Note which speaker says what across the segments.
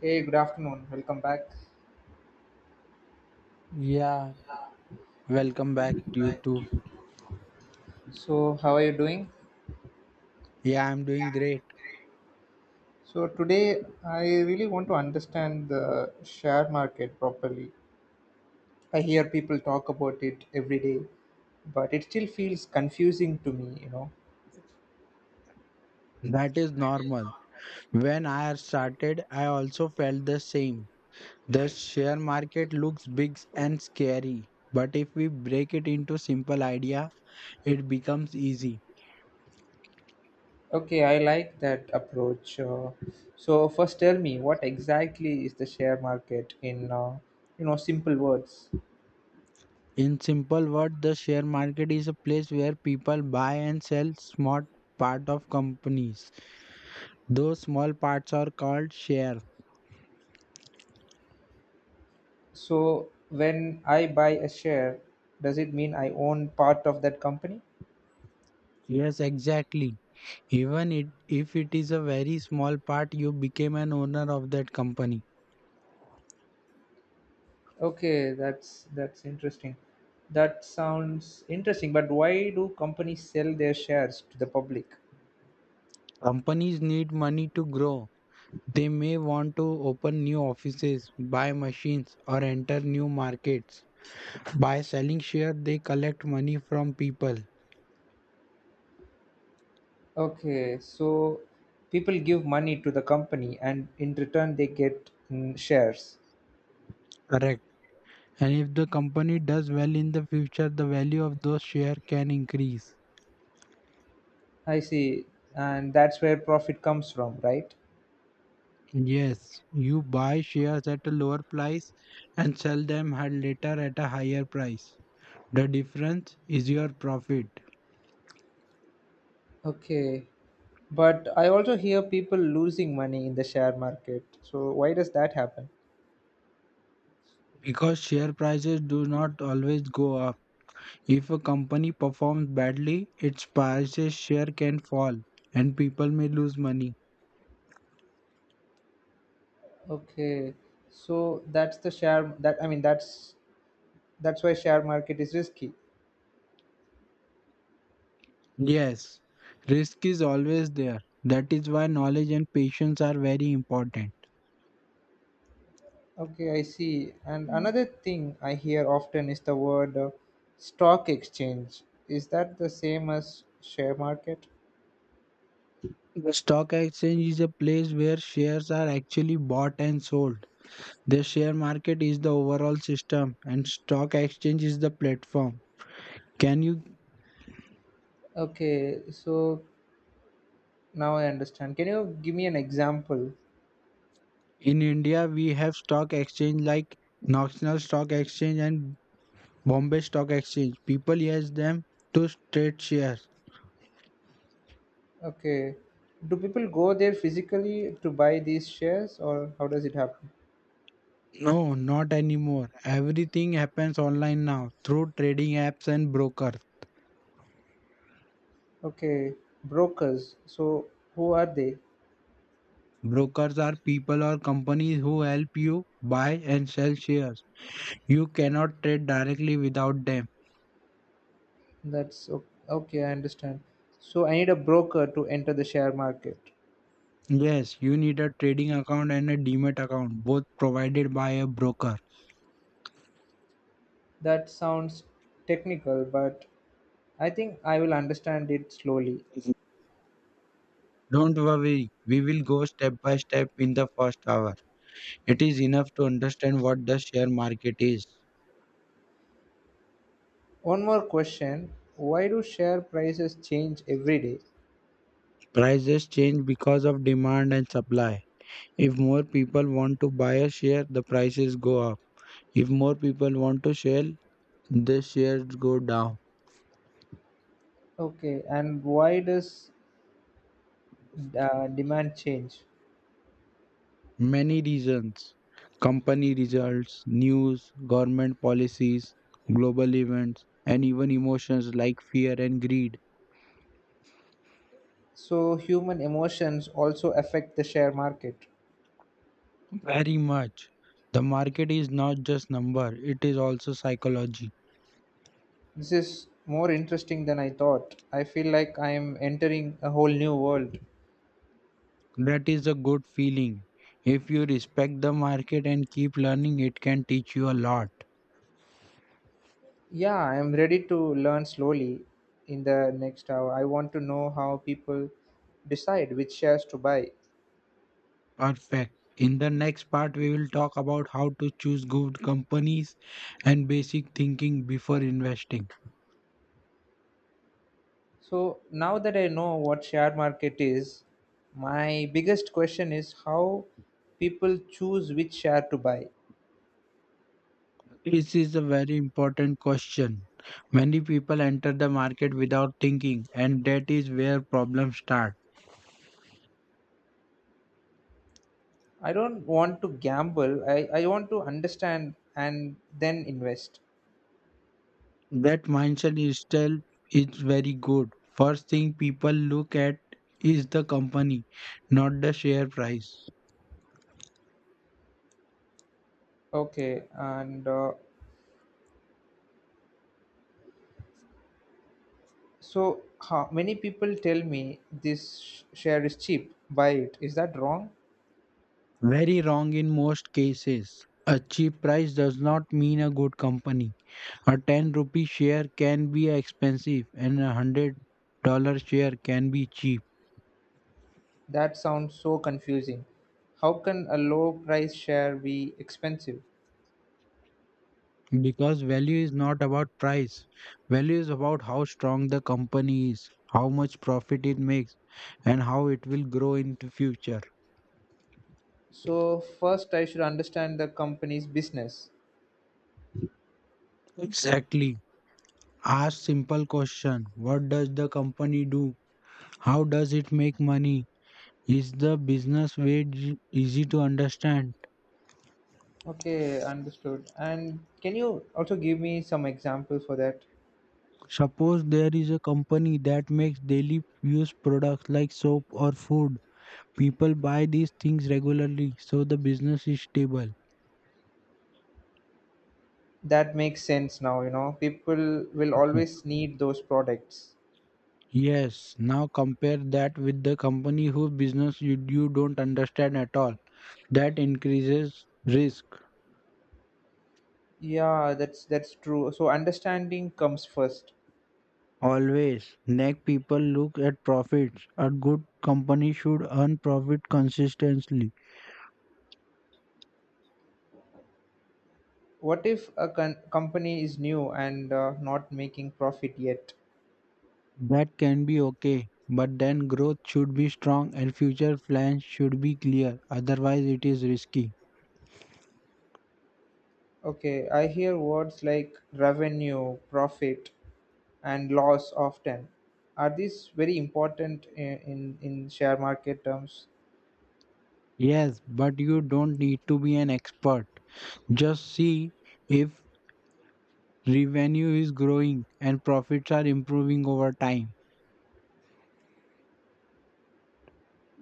Speaker 1: Hey, good afternoon. Welcome back.
Speaker 2: Yeah, welcome back to you too.
Speaker 1: So, how are you doing?
Speaker 2: Yeah, I'm doing great.
Speaker 1: So, today I really want to understand the share market properly. I hear people talk about it every day, but it still feels confusing to me, you know.
Speaker 2: That is normal. When I started, I also felt the same. The share market looks big and scary, but if we break it into simple idea, it becomes easy.
Speaker 1: Okay, I like that approach. So, first tell me what exactly is the share market in, simple words.
Speaker 2: In simple word, the share market is a place where people buy and sell small part of companies. Those small parts are called share.
Speaker 1: So, when I buy a share, does it mean I own part of that company?
Speaker 2: Yes, exactly. Even if it is a very small part, you became an owner of that company.
Speaker 1: Okay, that's interesting. That sounds interesting, but why do companies sell their shares to the public?
Speaker 2: Companies need money to grow. They may want to open new offices, buy machines, or enter new markets. By selling share, they collect money from people.
Speaker 1: Okay, so people give money to the company and in return they get shares.
Speaker 2: Correct. And if the company does well in the future, the value of those share can increase.
Speaker 1: I see. And that's where profit comes from, right?
Speaker 2: Yes, you buy shares at a lower price and sell them at later at a higher price. The difference is your profit.
Speaker 1: Okay. But I also hear people losing money in the share market. So why does that happen?
Speaker 2: Because share prices do not always go up. If a company performs badly, its prices share can fall and people may lose money.
Speaker 1: Okay. So that's the share that I mean that's why share market is risky.
Speaker 2: Yes, risk is always there. That is why knowledge and patience are very important.
Speaker 1: Okay, I see. And
Speaker 2: Mm.
Speaker 1: another thing I hear often is the word stock exchange. Is that the same as share market?
Speaker 2: The stock exchange is a place where shares are actually bought and sold. The share market is the overall system and stock exchange is the platform. Can you
Speaker 1: Okay, so now I understand. Can you give me an example?
Speaker 2: In India we have stock exchange like National Stock Exchange and Bombay Stock Exchange. People use them to trade shares.
Speaker 1: Okay, do people go there physically to buy these shares or how does it happen?
Speaker 2: No, not anymore. Everything happens online now through trading apps and brokers.
Speaker 1: Okay, brokers. So who are they?
Speaker 2: Brokers are people or companies who help you buy and sell shares. You cannot trade directly without them.
Speaker 1: Okay, I understand. So I need a broker to enter the share market.
Speaker 2: Yes, you need a trading account and a demat account, both provided by a broker.
Speaker 1: That sounds technical, but I think I will understand it slowly.
Speaker 2: Don't worry, we will go step by step in the first hour. It is enough to understand what the share market is.
Speaker 1: One more question. Why do share prices change every day?
Speaker 2: Prices change because of demand and supply. If more people want to buy a share, the prices go up. If more people want to sell, the shares go down.
Speaker 1: Okay, and why does demand change?
Speaker 2: Many reasons company results, news, government policies, global events, and even emotions like fear and greed.
Speaker 1: So, human emotions also affect the share market.
Speaker 2: Very much. The market is not just number, it is also psychology.
Speaker 1: This is more interesting than I thought. I feel like I am entering a whole new world.
Speaker 2: That is a good feeling. If you respect the market and keep learning, it can teach you a lot.
Speaker 1: Yeah, I am ready to learn slowly in the next hour. I want to know how people decide which shares to buy.
Speaker 2: Perfect. In the next part, we will talk about how to choose good companies and basic thinking before investing.
Speaker 1: So now that I know what share market is, my biggest question is how people choose which share to buy.
Speaker 2: This is a very important question. Many people enter the market without thinking, and that is where problems start.
Speaker 1: I don't want to gamble. I want to understand and then invest.
Speaker 2: That mindset itself is very good. First thing people look at is the company, not the share price.
Speaker 1: Okay, and so how many people tell me this share is cheap, buy it. Is that wrong?
Speaker 2: Very wrong in most cases. A cheap price does not mean a good company. A 10 rupee share can be expensive and a $100 share can be cheap
Speaker 1: That sounds so confusing. How can a low price share be expensive?
Speaker 2: because value is not about price. Value is about how strong the company is, how much profit it makes, and how it will grow in the future.
Speaker 1: So first I should understand the company's business.
Speaker 2: Exactly. Ask simple question. What does the company do? How does it make money? Is the business way easy to understand?
Speaker 1: Okay, understood. And can you also give me some examples for that?
Speaker 2: Suppose there is a company that makes daily use products like soap or food. People buy these things regularly, so the business is stable.
Speaker 1: That makes sense now, you know. People will
Speaker 2: Mhm.
Speaker 1: always need those products.
Speaker 2: Yes, now compare that with the company whose business you don't understand at all. That increases risk.
Speaker 1: Yeah, that's true. So understanding comes first.
Speaker 2: Always, neck people look at profits. A good company should earn profit consistently.
Speaker 1: What if a company is new and not making profit yet?
Speaker 2: That can be okay, but then growth should be strong and future plans should be clear. Otherwise, it is risky.
Speaker 1: Okay, I hear words like revenue, profit, and loss often. Are these very important in in share market terms?
Speaker 2: Yes, but you don't need to be an expert. Just see if revenue is growing and profits are improving over time.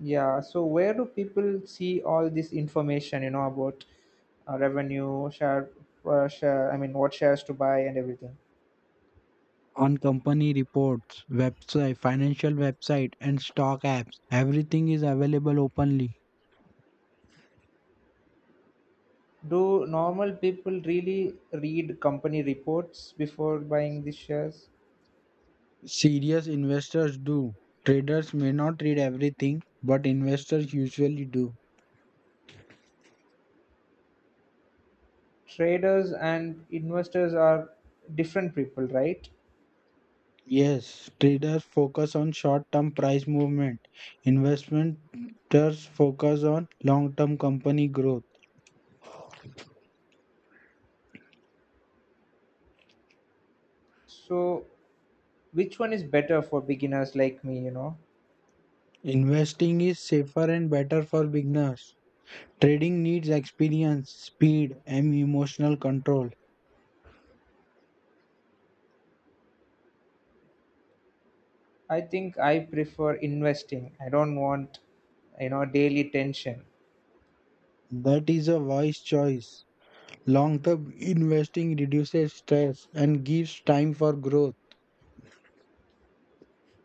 Speaker 1: Yeah, so where do people see all this information, you know, about uh, revenue, share, share, I mean, what shares to buy and everything?
Speaker 2: On company reports, website, financial website, and stock apps, everything is available openly.
Speaker 1: Do normal people really read company reports before buying these shares?
Speaker 2: Serious investors do. Traders may not read everything, but investors usually do.
Speaker 1: Traders and investors are different people, right?
Speaker 2: Yes, traders focus on short term price movement. Investors focus on long term company growth.
Speaker 1: So, which one is better for beginners like me, you know?
Speaker 2: Investing is safer and better for beginners. Trading needs experience, speed, and emotional control.
Speaker 1: I think I prefer investing. I don't want, you know, daily tension.
Speaker 2: That is a wise choice. Long term investing reduces stress and gives time for growth.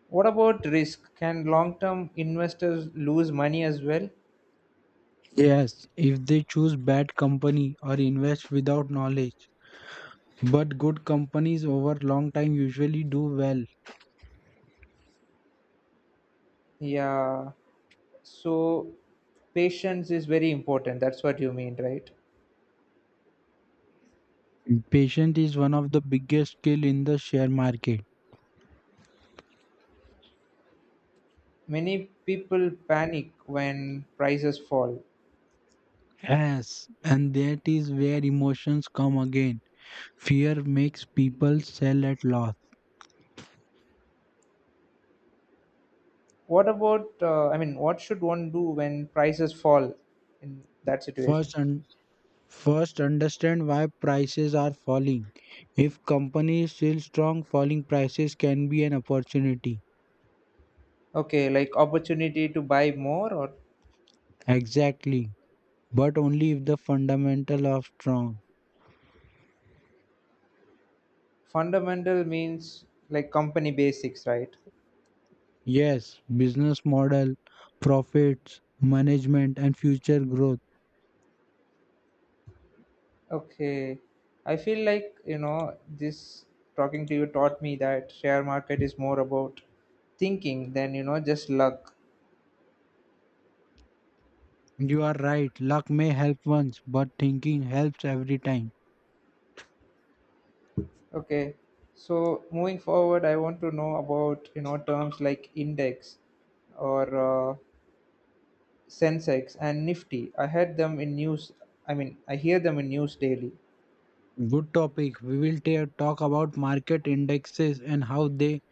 Speaker 1: What about risk? Can long term investors lose money as well?
Speaker 2: Yes, if they choose bad company or invest without knowledge. But good companies over long time usually do well.
Speaker 1: Yeah. So, patience is very important. That's what you mean, right?
Speaker 2: Patience is one of the biggest skill in the share market.
Speaker 1: Many people panic when prices fall.
Speaker 2: Yes, and that is where emotions come again. Fear makes people sell at loss.
Speaker 1: What about, I mean, what should one do when prices fall in that situation?
Speaker 2: First, un- First, understand why prices are falling. If company is still strong, falling prices can be an opportunity.
Speaker 1: Okay, like opportunity to buy more, or
Speaker 2: Exactly, but only if the fundamental are strong.
Speaker 1: fundamental means like company basics, right?
Speaker 2: Yes, business model, profits, management and future growth.
Speaker 1: Okay. I feel like, you know, this talking to you taught me that share market is more about thinking than, you know, just luck.
Speaker 2: You are right, luck may help once, but thinking helps every time.
Speaker 1: Okay. So moving forward, I want to know about, you know, terms like index or Sensex and Nifty. I heard them in news. I mean, I hear them in news daily.
Speaker 2: Good topic. We will talk about market indexes and how they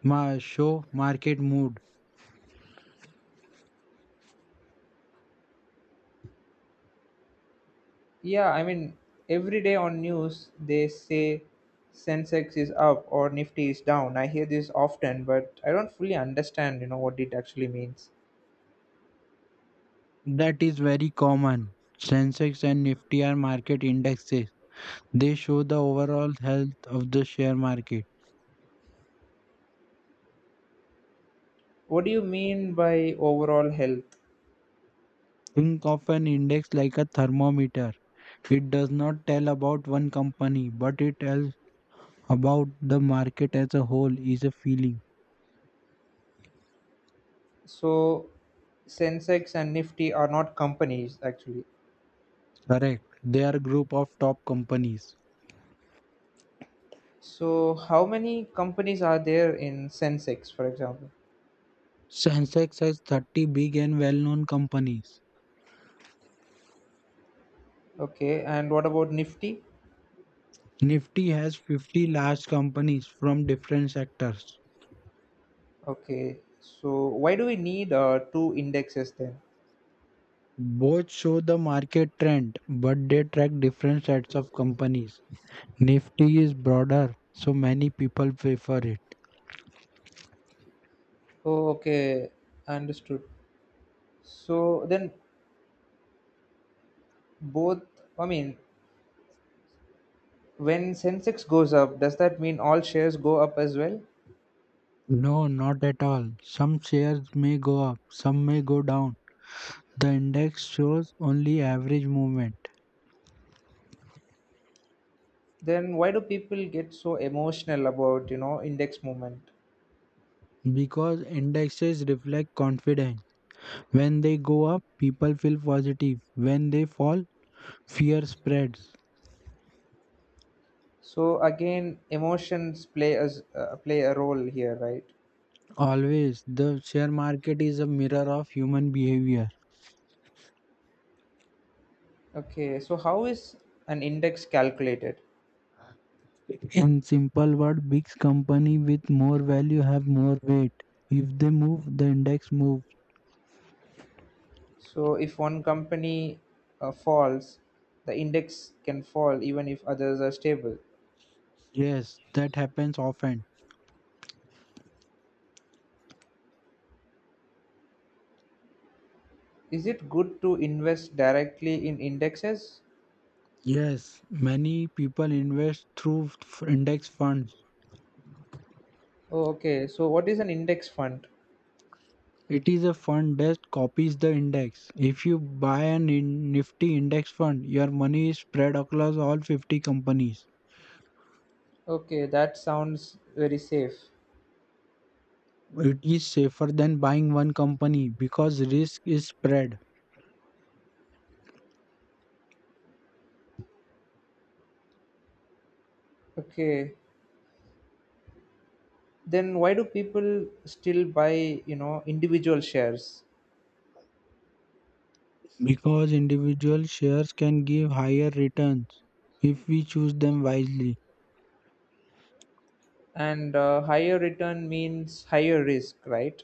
Speaker 2: show market mood.
Speaker 1: Yeah, I mean, every day on news they say Sensex is up or Nifty is down. I hear this often, but I don't fully understand, you know, what it actually means.
Speaker 2: That is very common. Sensex and Nifty are market indexes. They show the overall health of the share market.
Speaker 1: What do you mean by overall health?
Speaker 2: Think of an index like a thermometer. It does not tell about one company, but it tells about the market as a whole is a feeling.
Speaker 1: So, Sensex and Nifty are not companies actually.
Speaker 2: Correct. They are a group of top companies.
Speaker 1: So, how many companies are there in Sensex, for example?
Speaker 2: Sensex has 30 big and well-known companies.
Speaker 1: Okay, and what about Nifty?
Speaker 2: Nifty has 50 large companies from different sectors.
Speaker 1: Okay, so why do we need two indexes then?
Speaker 2: Both show the market trend, but they track different sets of companies. Nifty is broader, so many people prefer it.
Speaker 1: Oh, okay, understood. So then both, I mean, when Sensex goes up, does that mean all shares go up as well?
Speaker 2: No, not at all. Some shares may go up, some may go down. The index shows only average movement
Speaker 1: Then why do people get so emotional about, you know, index movement?
Speaker 2: because indexes reflect confidence. When they go up, people feel positive. When they fall, fear spreads.
Speaker 1: So again, emotions play a role here, right?
Speaker 2: Always, the share market is a mirror of human behavior.
Speaker 1: Okay, so how is an index calculated?
Speaker 2: In simple word, big company with more value have more weight. If they move, the index moves.
Speaker 1: So if one company falls, the index can fall even if others are stable.
Speaker 2: Yes, that happens often.
Speaker 1: Is it good to invest directly in indexes?
Speaker 2: Yes, many people invest through index funds.
Speaker 1: Oh, okay. So what is an index fund?
Speaker 2: It is a fund that copies the index. If you buy an in nifty index fund, your money is spread across all 50 companies.
Speaker 1: Okay, that sounds very safe.
Speaker 2: It is safer than buying one company because risk is spread.
Speaker 1: Okay. Then why do people still buy, you know, individual shares?
Speaker 2: Because individual shares can give higher returns if we choose them wisely.
Speaker 1: And higher return means higher risk, right?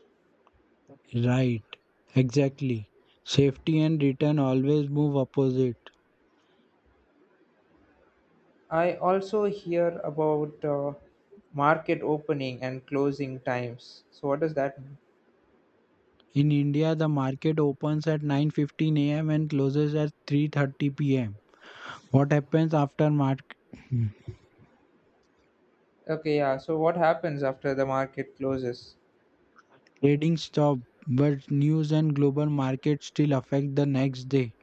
Speaker 2: Right, exactly. Safety and return always move opposite.
Speaker 1: I also hear about market opening and closing times. So what does that mean?
Speaker 2: In India, the market opens at 9:15 a.m. and closes at 3:30 p.m. What happens after market
Speaker 1: Okay, yeah. So what happens after the market closes?
Speaker 2: trading stop, but news and global markets still affect the next day.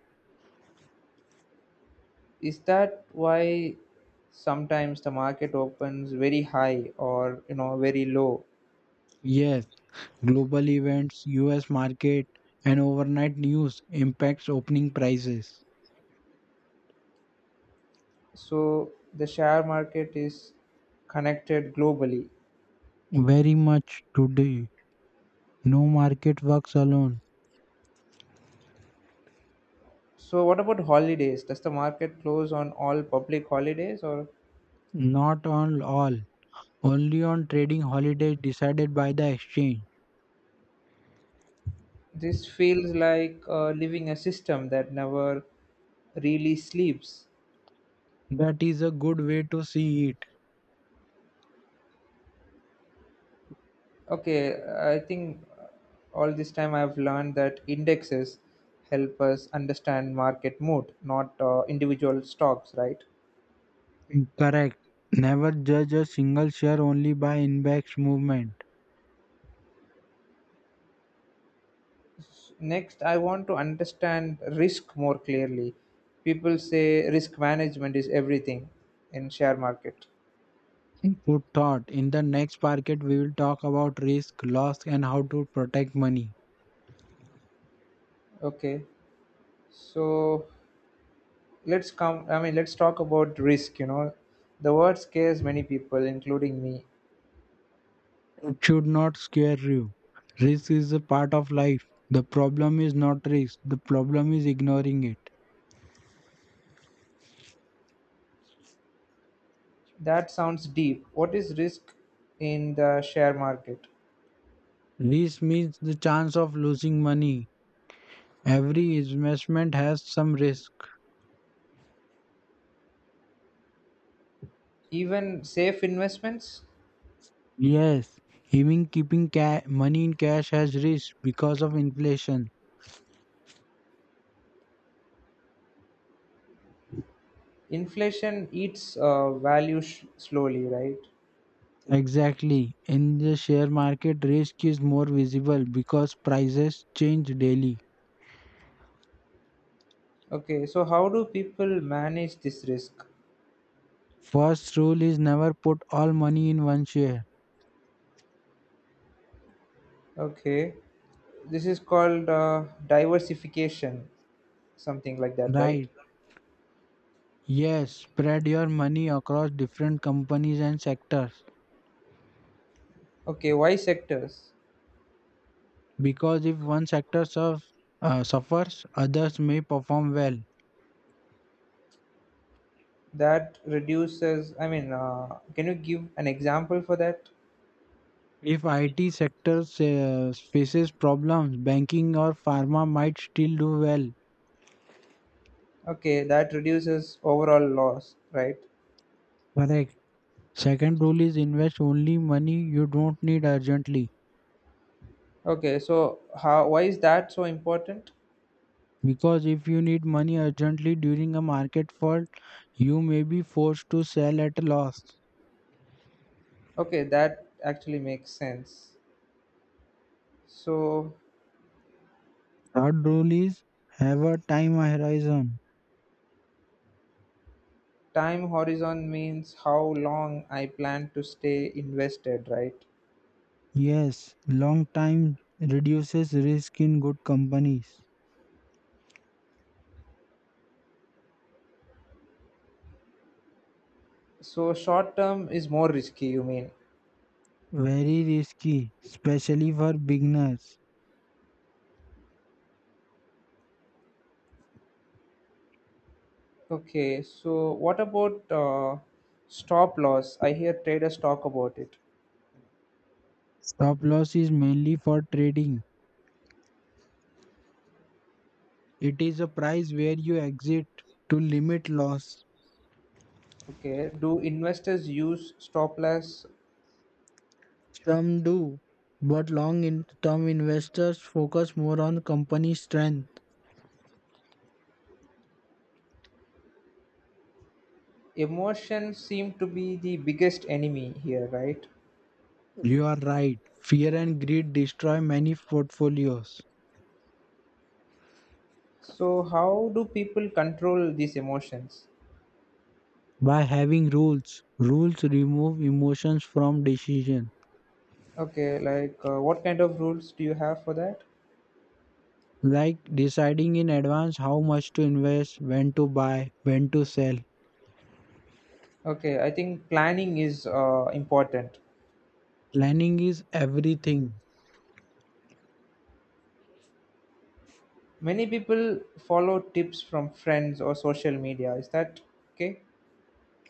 Speaker 1: Is that why sometimes the market opens very high or, you know, very low?
Speaker 2: Yes, global events, US market and overnight news impacts opening prices.
Speaker 1: So the share market is connected globally.
Speaker 2: Very much today. No market works alone.
Speaker 1: So what about holidays? Does the market close on all public holidays or?
Speaker 2: Not on all. Only on trading holidays decided by the exchange.
Speaker 1: This feels like living a system that never really sleeps.
Speaker 2: That is a good way to see
Speaker 1: Okay, I think all this time I've learned that indexes help us understand market mood, not individual stocks, right?
Speaker 2: it. Correct. Never judge a single share only by index movement.
Speaker 1: Next, I want to understand risk more clearly. People say risk management is everything in share market.
Speaker 2: Good thought. In the next market, we will talk about risk, loss, and how to protect money.
Speaker 1: Okay, so let's come. I mean, let's talk about risk. You know, the word scares many people, including me.
Speaker 2: It should not scare you. Risk is a part of life. The problem is not risk, the problem is ignoring it.
Speaker 1: That sounds deep. What is risk in the share market?
Speaker 2: This means the chance of losing money. Every investment has some risk.
Speaker 1: Even safe investments,
Speaker 2: Yes, even keeping money in cash has risk because of inflation.
Speaker 1: inflation eats value slowly, right?
Speaker 2: Exactly. In the share market, risk is more visible because prices change daily.
Speaker 1: Okay, so how do people manage this risk?
Speaker 2: First rule is never put all money in one share.
Speaker 1: Okay. This is called diversification, something like that, right?
Speaker 2: Right. Yes, spread your money across different companies and sectors
Speaker 1: Okay, why sectors?
Speaker 2: because if one sector suffers, others may perform well.
Speaker 1: That reduces, can you give an example for that?
Speaker 2: If IT sector faces problems, banking or pharma might still do well.
Speaker 1: Okay, that reduces overall loss, right?
Speaker 2: Correct. Second rule is invest only money you don't need urgently.
Speaker 1: Okay, so how why is that so important?
Speaker 2: Because if you need money urgently during a market fall, you may be forced to sell at a loss.
Speaker 1: Okay, that actually makes sense. So
Speaker 2: Third rule is have a time horizon.
Speaker 1: time horizon means how long I plan to stay invested, right?
Speaker 2: Yes, long time reduces risk in good companies.
Speaker 1: So short term is more risky, you mean?
Speaker 2: Very risky, especially for beginners.
Speaker 1: Okay, so what about stop loss? I hear traders talk about it.
Speaker 2: Stop loss is mainly for trading. It is a price where you exit to limit loss.
Speaker 1: Okay, do investors use stop loss?
Speaker 2: Some do, but long term investors focus more on company strength.
Speaker 1: Emotions seem to be the biggest enemy here, right?
Speaker 2: You are right. Fear and greed destroy many portfolios.
Speaker 1: So, how do people control these emotions?
Speaker 2: By having rules, rules remove emotions from decision,
Speaker 1: Okay, like what kind of rules do you have for that?
Speaker 2: like deciding in advance how much to invest, when to buy, when to sell.
Speaker 1: Okay, I think planning is important.
Speaker 2: Planning is everything.
Speaker 1: Many people follow tips from friends or social media. Is that okay?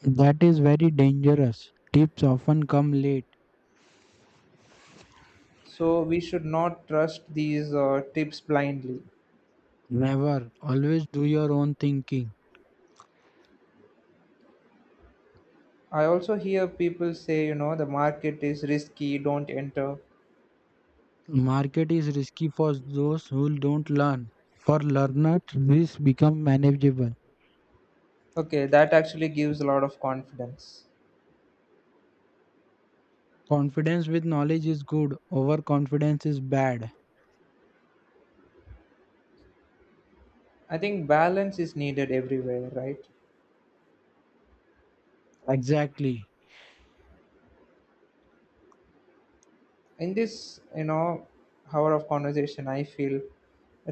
Speaker 2: That is very dangerous. Tips often come late.
Speaker 1: So we should not trust these tips blindly.
Speaker 2: Never. Always do your own thinking.
Speaker 1: I also hear people say, you know, the market is risky, don't enter.
Speaker 2: Market is risky for those who don't learn. For learners, risks become manageable.
Speaker 1: Okay, that actually gives a lot of confidence.
Speaker 2: Confidence with knowledge is good. Overconfidence is bad.
Speaker 1: I think balance is needed everywhere, right?
Speaker 2: Exactly.
Speaker 1: In this, you know, hour of conversation, I feel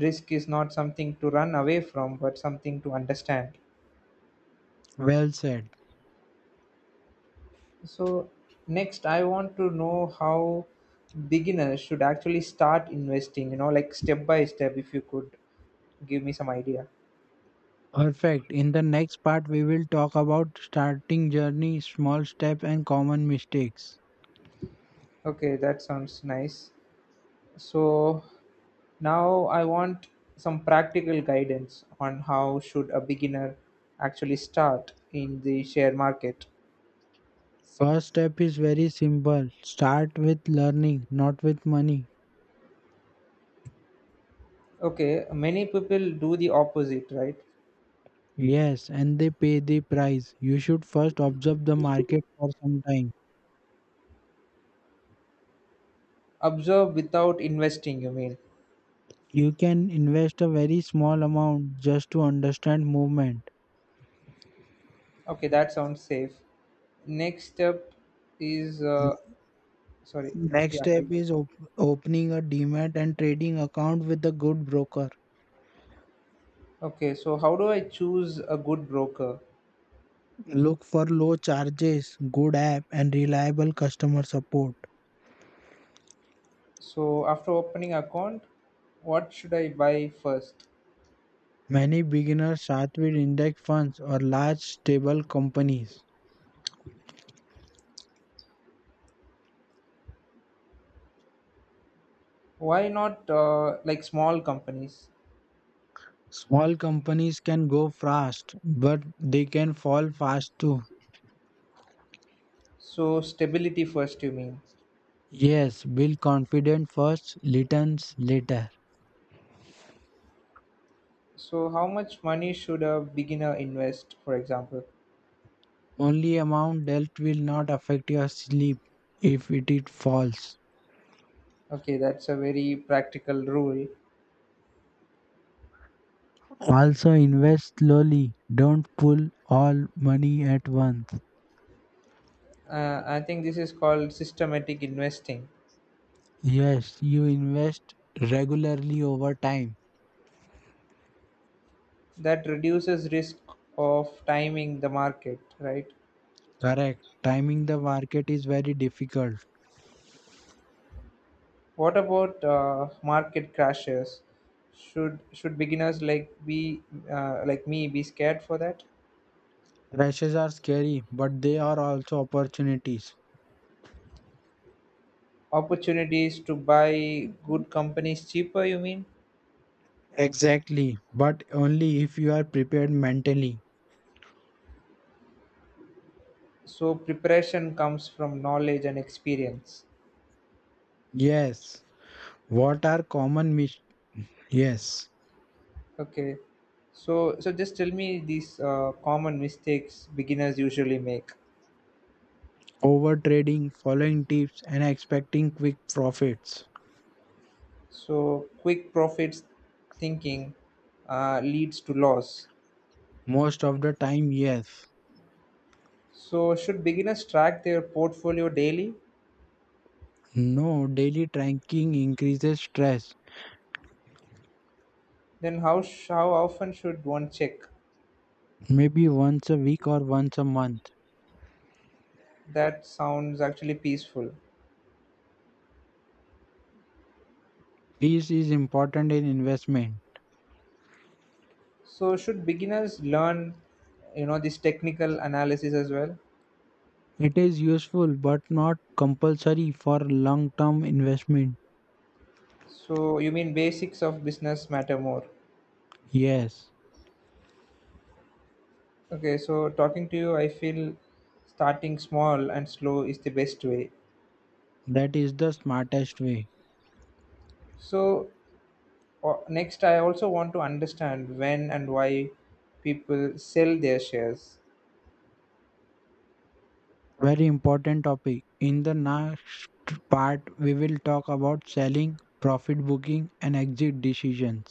Speaker 1: risk is not something to run away from, but something to understand.
Speaker 2: Well said.
Speaker 1: So next I want to know how beginners should actually start investing, you know, like step by step, if you could give me some idea.
Speaker 2: Perfect. In the next part, we will talk about starting journey, small step, and common mistakes.
Speaker 1: Okay, that sounds nice. So now I want some practical guidance on how should a beginner actually start in the share market.
Speaker 2: First step is very simple. Start with learning, not with money.
Speaker 1: Okay, many people do the opposite, right?
Speaker 2: Yes, and they pay the price. You should first observe the market for some time.
Speaker 1: Observe without investing, you mean.
Speaker 2: You can invest a very small amount just to understand movement.
Speaker 1: Okay, that sounds safe. Next step is sorry,
Speaker 2: Next
Speaker 1: yeah.
Speaker 2: step is opening a demat and trading account with a good broker.
Speaker 1: Okay, so how do I choose a good broker?
Speaker 2: Look for low charges, good app, and reliable customer support.
Speaker 1: So after opening account, what should I buy first?
Speaker 2: Many beginners start with index funds or large stable companies.
Speaker 1: Why not like small companies?
Speaker 2: Small companies can go fast, but they can fall fast too.
Speaker 1: So stability first, you mean?
Speaker 2: Yes, build confidence first, returns later.
Speaker 1: So how much money should a beginner invest, for example?
Speaker 2: Only amount dealt will not affect your sleep if it is false.
Speaker 1: Okay, that's a very practical rule.
Speaker 2: Also, invest slowly. Don't pull all money at once.
Speaker 1: I think this is called systematic investing.
Speaker 2: Yes, you invest regularly over time.
Speaker 1: That reduces risk of timing the market, right?
Speaker 2: Correct. Timing the market is very difficult.
Speaker 1: What about market crashes? Should beginners like be like me be scared for that?
Speaker 2: Crashes are scary, but they are also opportunities.
Speaker 1: Opportunities to buy good companies cheaper, you mean?
Speaker 2: Exactly, but only if you are prepared mentally.
Speaker 1: So preparation comes from knowledge and experience.
Speaker 2: Yes. What are common mistakes? Yes,
Speaker 1: Okay, so just tell me these common mistakes beginners usually make.
Speaker 2: overtrading, following tips, and expecting quick profits.
Speaker 1: So quick profits thinking leads to loss.
Speaker 2: Most of the time, yes.
Speaker 1: So should beginners track their portfolio daily?
Speaker 2: No, daily tracking increases stress,
Speaker 1: Then how often should one check?
Speaker 2: maybe once a week or once a month.
Speaker 1: That sounds actually peaceful.
Speaker 2: This is important in investment.
Speaker 1: So should beginners learn, you know, this technical analysis as well?
Speaker 2: It is useful but not compulsory for long term investment.
Speaker 1: So you mean basics of business matter more?
Speaker 2: Yes,
Speaker 1: Okay, so talking to you, I feel starting small and slow is the best way.
Speaker 2: that is the smartest way.
Speaker 1: So, next, I also want to understand when and why people sell their shares.
Speaker 2: Very important topic. In the next part, we will talk about selling, profit booking, and exit decisions.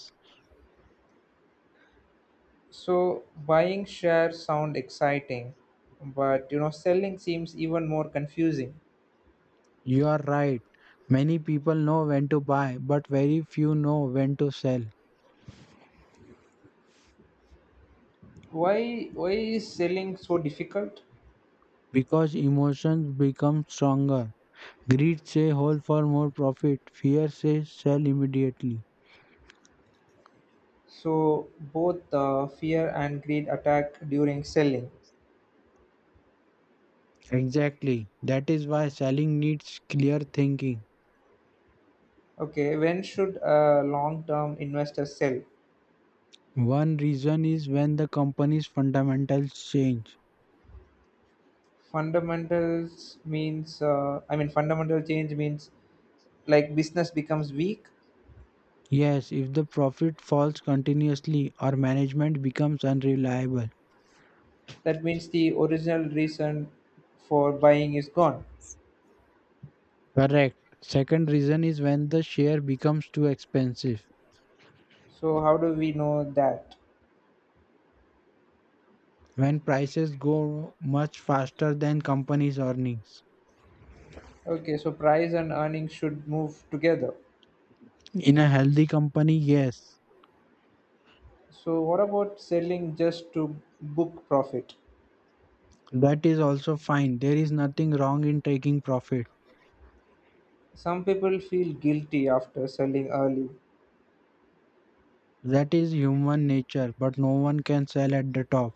Speaker 1: So, buying shares sound exciting, but you know, selling seems even more confusing.
Speaker 2: You are right. Many people know when to buy, but very few know when to sell
Speaker 1: Why is selling so difficult?
Speaker 2: because emotions become stronger. Greed say hold for more profit, fear says sell immediately.
Speaker 1: So, both the fear and greed attack during selling.
Speaker 2: Exactly. That is why selling needs clear thinking.
Speaker 1: Okay, when should a long-term investor sell?
Speaker 2: One reason is when the company's fundamentals change.
Speaker 1: Fundamental change means like business becomes weak.
Speaker 2: Yes, if the profit falls continuously or management becomes unreliable.
Speaker 1: That means the original reason for buying is gone.
Speaker 2: Correct. Second reason is when the share becomes too expensive.
Speaker 1: So how do we know that?
Speaker 2: When prices go much faster than companies' earnings.
Speaker 1: Okay, so price and earnings should move together.
Speaker 2: In a healthy company, yes,
Speaker 1: So what about selling just to book profit?
Speaker 2: that is also fine. There is nothing wrong in taking profit.
Speaker 1: Some people feel guilty after selling early.
Speaker 2: That is human nature, but no one can sell at the top.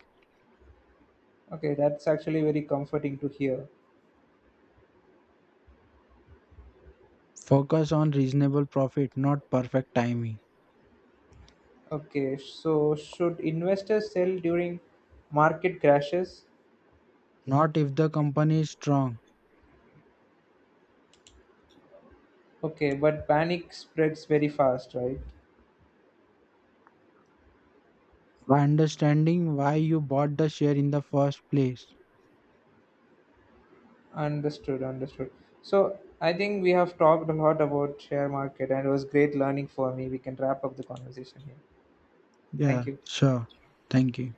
Speaker 1: Okay, that's actually very comforting to hear.
Speaker 2: Focus on reasonable profit, not perfect timing.
Speaker 1: Okay, so should investors sell during market crashes?
Speaker 2: Not if the company is strong.
Speaker 1: Okay, but panic spreads very fast, right?
Speaker 2: By understanding why you bought the share in the first place.
Speaker 1: Understood, understood. So I think we have talked a lot about share market and it was great learning for me. We can wrap up the conversation here.
Speaker 2: Yeah,
Speaker 1: Thank you.
Speaker 2: sure. Thank you.